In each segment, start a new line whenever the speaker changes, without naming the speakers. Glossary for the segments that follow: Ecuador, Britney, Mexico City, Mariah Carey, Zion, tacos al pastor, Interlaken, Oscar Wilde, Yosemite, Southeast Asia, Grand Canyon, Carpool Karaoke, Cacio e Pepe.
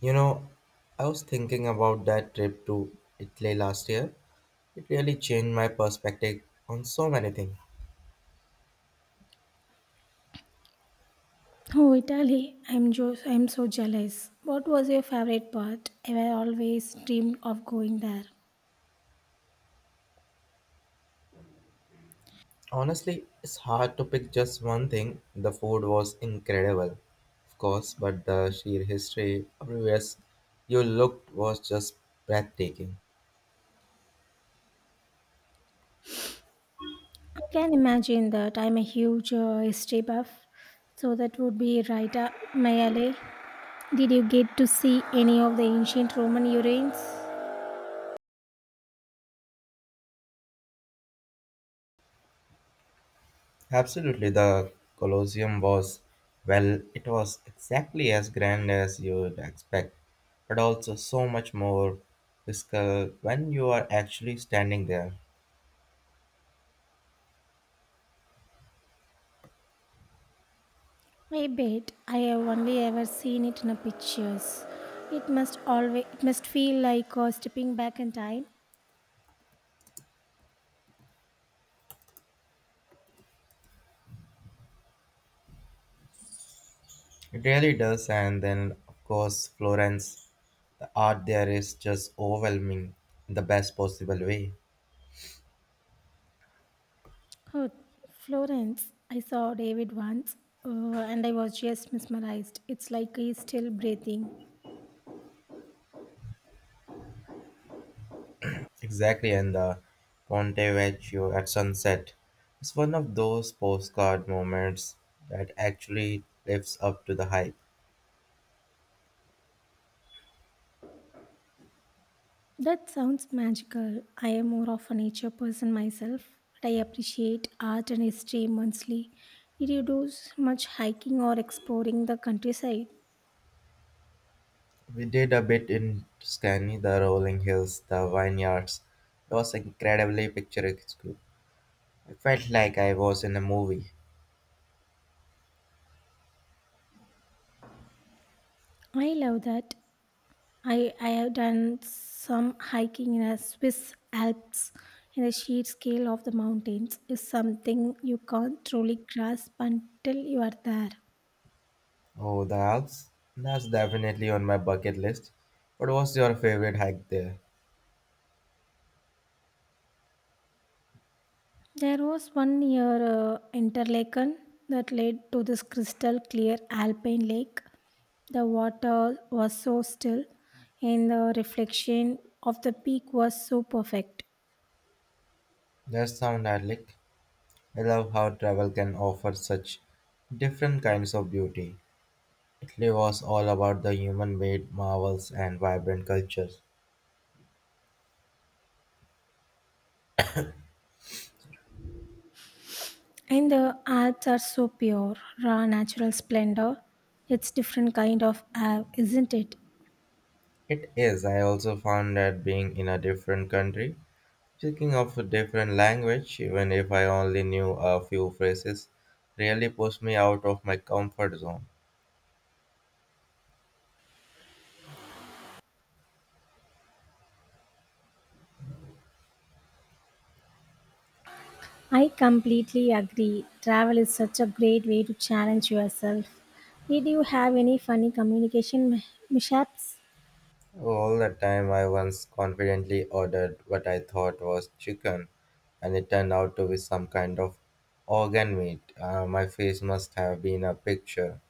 You know, I was thinking about that trip to Italy last year. It really changed my perspective on so many things.
Oh, Italy, I'm so jealous. What was your favorite part? I have always dreamed of going there.
Honestly, it's hard to pick just one thing. The food was incredible, of course, but the sheer history everywhere you looked was just breathtaking.
I can imagine that I'm a huge history buff, so that would be right up my alley. Did you get to see any of the ancient Roman ruins?
Absolutely, the Colosseum was, well, it was exactly as grand as you'd expect, but also so much more physical when you are actually standing there.
I bet I have only ever seen it in the pictures. It must feel like stepping back in time.
It really does, and then, of course, Florence, the art there is just overwhelming in the best possible way.
Oh, Florence, I saw David once and I was just mesmerized. It's like he's still breathing.
Exactly, and the Ponte Vecchio at sunset is one of those postcard moments that actually lives up to the hype.
That sounds magical. I am more of a nature person myself, but I appreciate art and history immensely. Did you do much hiking or exploring the countryside?
We did a bit in Tuscany, the rolling hills, the vineyards. It was incredibly picturesque. I felt like I was in a movie.
I love that. I have done some hiking in the Swiss Alps, and the sheer scale of the mountains is something you can't truly grasp until you are there.
Oh, the Alps? That's definitely on my bucket list. What was your favorite hike there?
There was one near Interlaken that led to this crystal clear alpine lake. The water was so still, and the reflection of the peak was so perfect.
That sounds idyllic. I love how travel can offer such different kinds of beauty. Italy was all about the human made marvels and vibrant cultures.
And the Alps are so pure, raw natural splendor. It's different kind of awe, isn't it?
It is. I also found that being in a different country, speaking of a different language, even if I only knew a few phrases, really pushed me out of my comfort zone.
I completely agree. Travel is such a great way to challenge yourself. Did you have any funny communication mishaps?
All the time, I once confidently ordered what I thought was chicken, and it turned out to be some kind of organ meat. My face must have been a picture.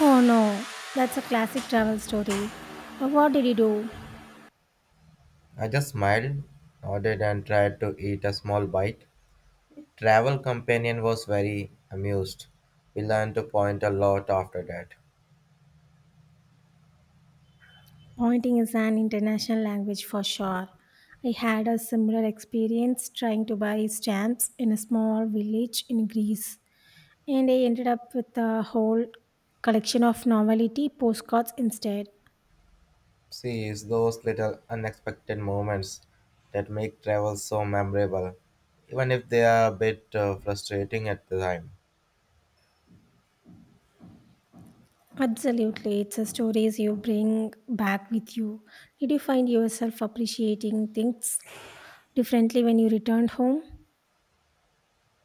Oh no, that's a classic travel story. But what did he do?
I just smiled, nodded, and tried to eat a small bite. Travel companion was very amused. We learned to point a lot after that.
Pointing is an international language for sure. I had a similar experience trying to buy stamps in a small village in Greece, and I ended up with a whole collection of novelty postcards instead.
See, it's those little unexpected moments that make travel so memorable, even if they are a bit frustrating at the time.
Absolutely, it's the stories you bring back with you. Did you find yourself appreciating things differently when you returned home?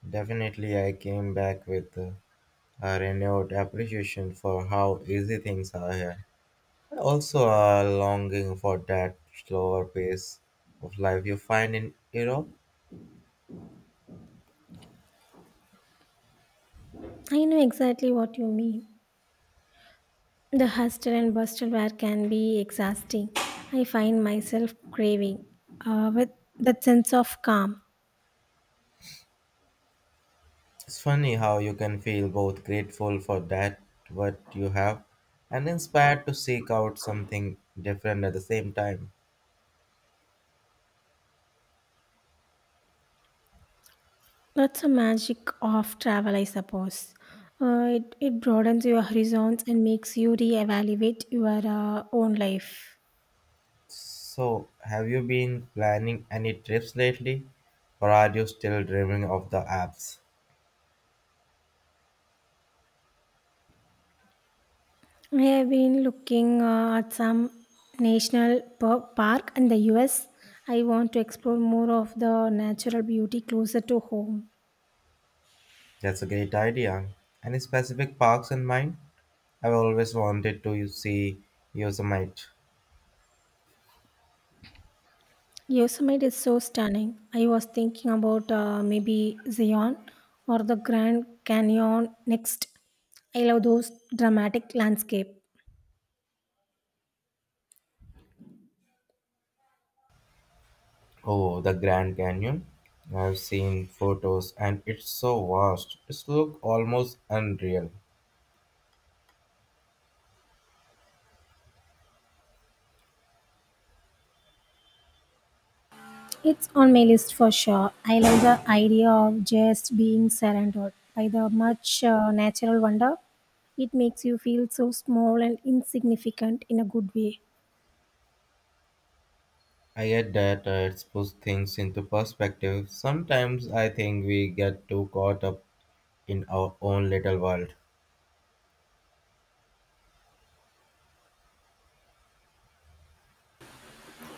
Definitely, I came back with a renewed appreciation for how easy things are here, and also a longing for that slower pace of life you find in Europe.
I know exactly what you mean. The hustle and bustle where can be exhausting. I find myself craving with that sense of calm.
It's funny how you can feel both grateful for that what you have and inspired to seek out something different at the same time.
That's the magic of travel, I suppose. It broadens your horizons and makes you reevaluate your own life.
So, have you been planning any trips lately? Or are you still dreaming of the apps?
I have been looking at some park in the US. I want to explore more of the natural beauty closer to home.
That's a great idea. Any specific parks in mind? I've always wanted to see Yosemite.
Yosemite is so stunning. I was thinking about maybe Zion or the Grand Canyon next. I love those dramatic landscape.
Oh, the Grand Canyon. I've seen photos and it's so vast. It's look almost unreal.
It's on my list for sure. I love the idea of just being surrounded by the much natural wonder. It makes you feel so small and insignificant in a good way.
I get that, it's puts things into perspective. Sometimes I think we get too caught up in our own little world.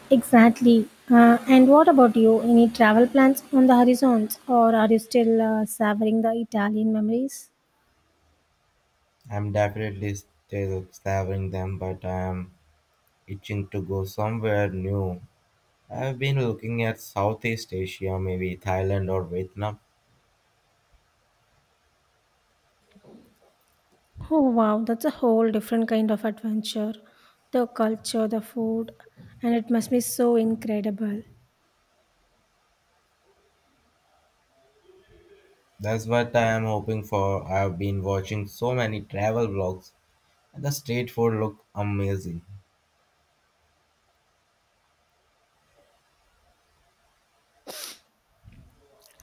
Exactly. And what about you? Any travel plans on the horizons, or are you still savoring the Italian memories?
I'm definitely still savoring them, but I'm itching to go somewhere new. I've been looking at Southeast Asia, maybe Thailand or Vietnam.
Oh wow, that's a whole different kind of adventure. The culture, the food, and it must be so incredible.
That's what I am hoping for. I've been watching so many travel vlogs, and the street food look amazing.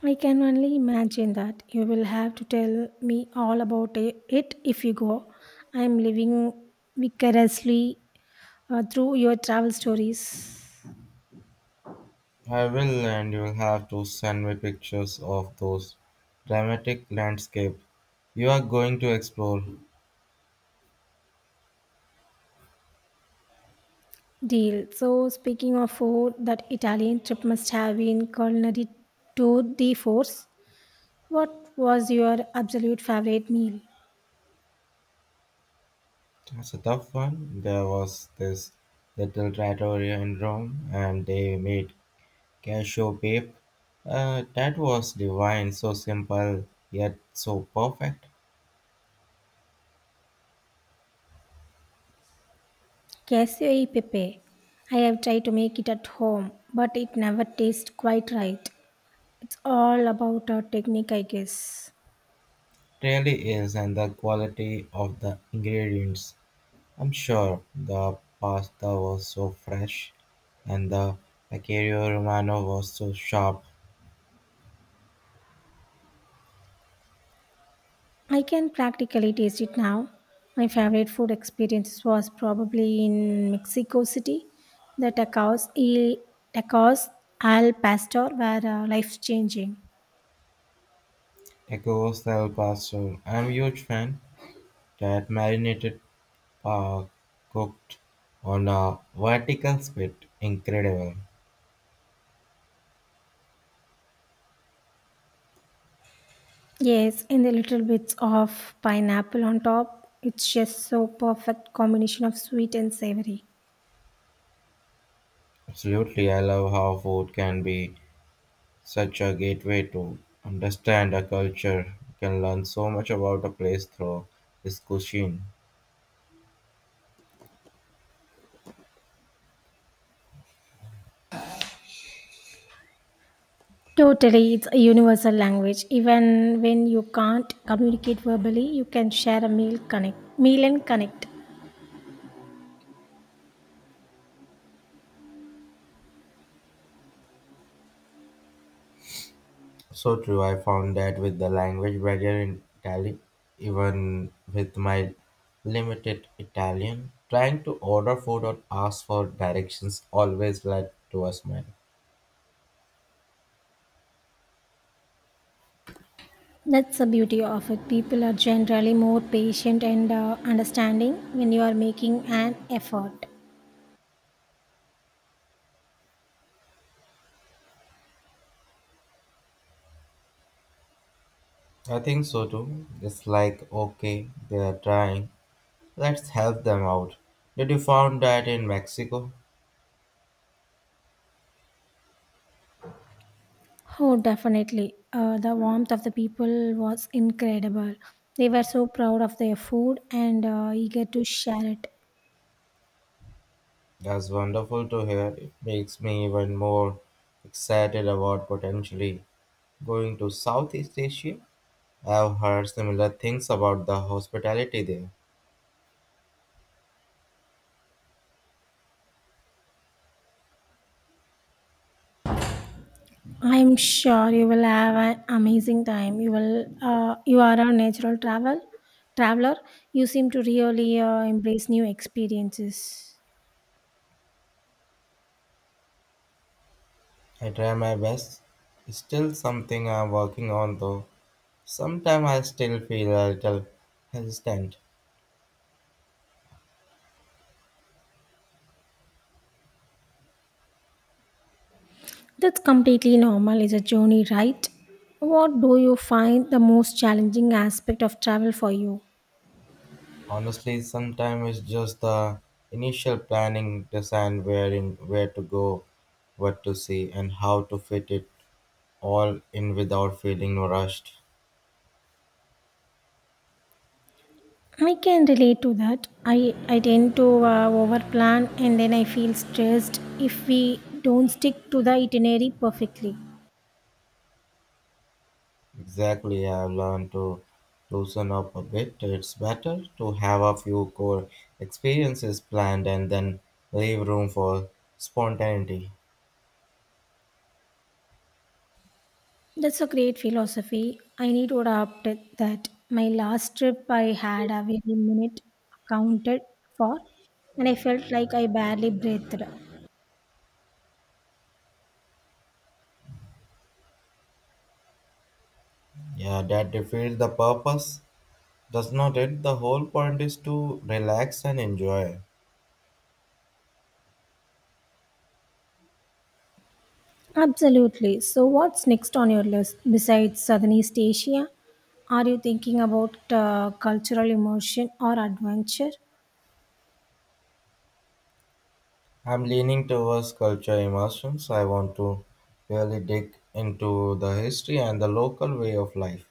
I can only imagine that. You will have to tell me all about it if you go. I'm living vicariously through your travel stories.
I will, and you'll have to send me pictures of those dramatic landscape you are going to explore.
Deal. So, speaking of food, that Italian trip must have been culinary to the force. What was your absolute favorite meal?
That's a tough one. There was this little trattoria in Rome, and they made Cashew Babe. That was divine, so simple yet so perfect.
Casio e Pepe. I have tried to make it at home, but it never tastes quite right. It's all about our technique, I guess.
Really is, and the quality of the ingredients. I'm sure the pasta was so fresh, and the Acario Romano was so sharp.
I can practically taste it now. My favorite food experience was probably in Mexico City. The tacos al pastor were life changing.
Tacos del Paso. I'm a huge fan. That marinated pork cooked on a vertical spit. Incredible.
Yes, and the little bits of pineapple on top. It's just so perfect combination of sweet and savory.
Absolutely, I love how food can be such a gateway to understand a culture. You can learn so much about a place through its cuisine.
Totally, it's a universal language. Even when you can't communicate verbally, you can share a meal and connect.
So true, I found that with the language barrier in Italy, even with my limited Italian, trying to order food or ask for directions always led to a smile.
That's the beauty of it. People are generally more patient and understanding when you are making an effort.
I think so too. It's like, okay, they are trying, let's help them out. Did you found that in Mexico?
Oh, definitely. The warmth of the people was incredible. They were so proud of their food and eager to share it.
That's wonderful to hear. It makes me even more excited about potentially going to Southeast Asia. I've heard similar things about the hospitality there.
I'm sure you will have an amazing time. You will. You are a natural travel traveler. You seem to really embrace new experiences.
I try my best. It's still something I'm working on though. Sometimes I still feel a little hesitant.
That's completely normal. It's a journey, right? What do you find the most challenging aspect of travel for you?
Honestly, sometimes it's just the initial planning, decide where to go, what to see, and how to fit it all in without feeling rushed.
I can relate to that. I tend to overplan, and then I feel stressed if we don't stick to the itinerary perfectly.
Exactly, I've learned to loosen up a bit. It's better to have a few core experiences planned and then leave room for spontaneity.
That's a great philosophy. I need to adopt it that. My last trip, I had a very minute accounted for, and I felt like I barely breathed.
Yeah, that defeats the purpose, does not it? The whole point is to relax and enjoy.
Absolutely. So, what's next on your list besides Southeast Asia? Are you thinking about cultural immersion or adventure?
I'm leaning towards culture immersion, so I want to really dig into the history and the local way of life.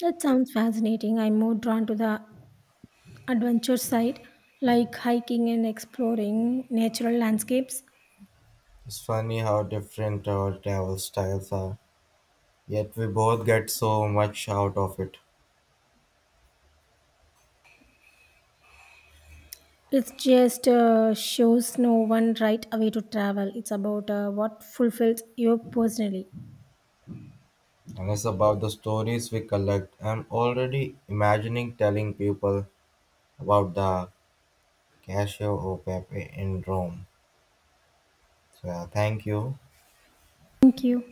That sounds fascinating. I'm more drawn to the adventure side, like hiking and exploring natural landscapes.
It's funny how different our travel styles are, yet we both get so much out of it.
It just shows no one right away to travel. It's about what fulfills you personally.
And it's about the stories we collect. I'm already imagining telling people about the Casio Opepe in Rome. So, yeah, thank you.
Thank you.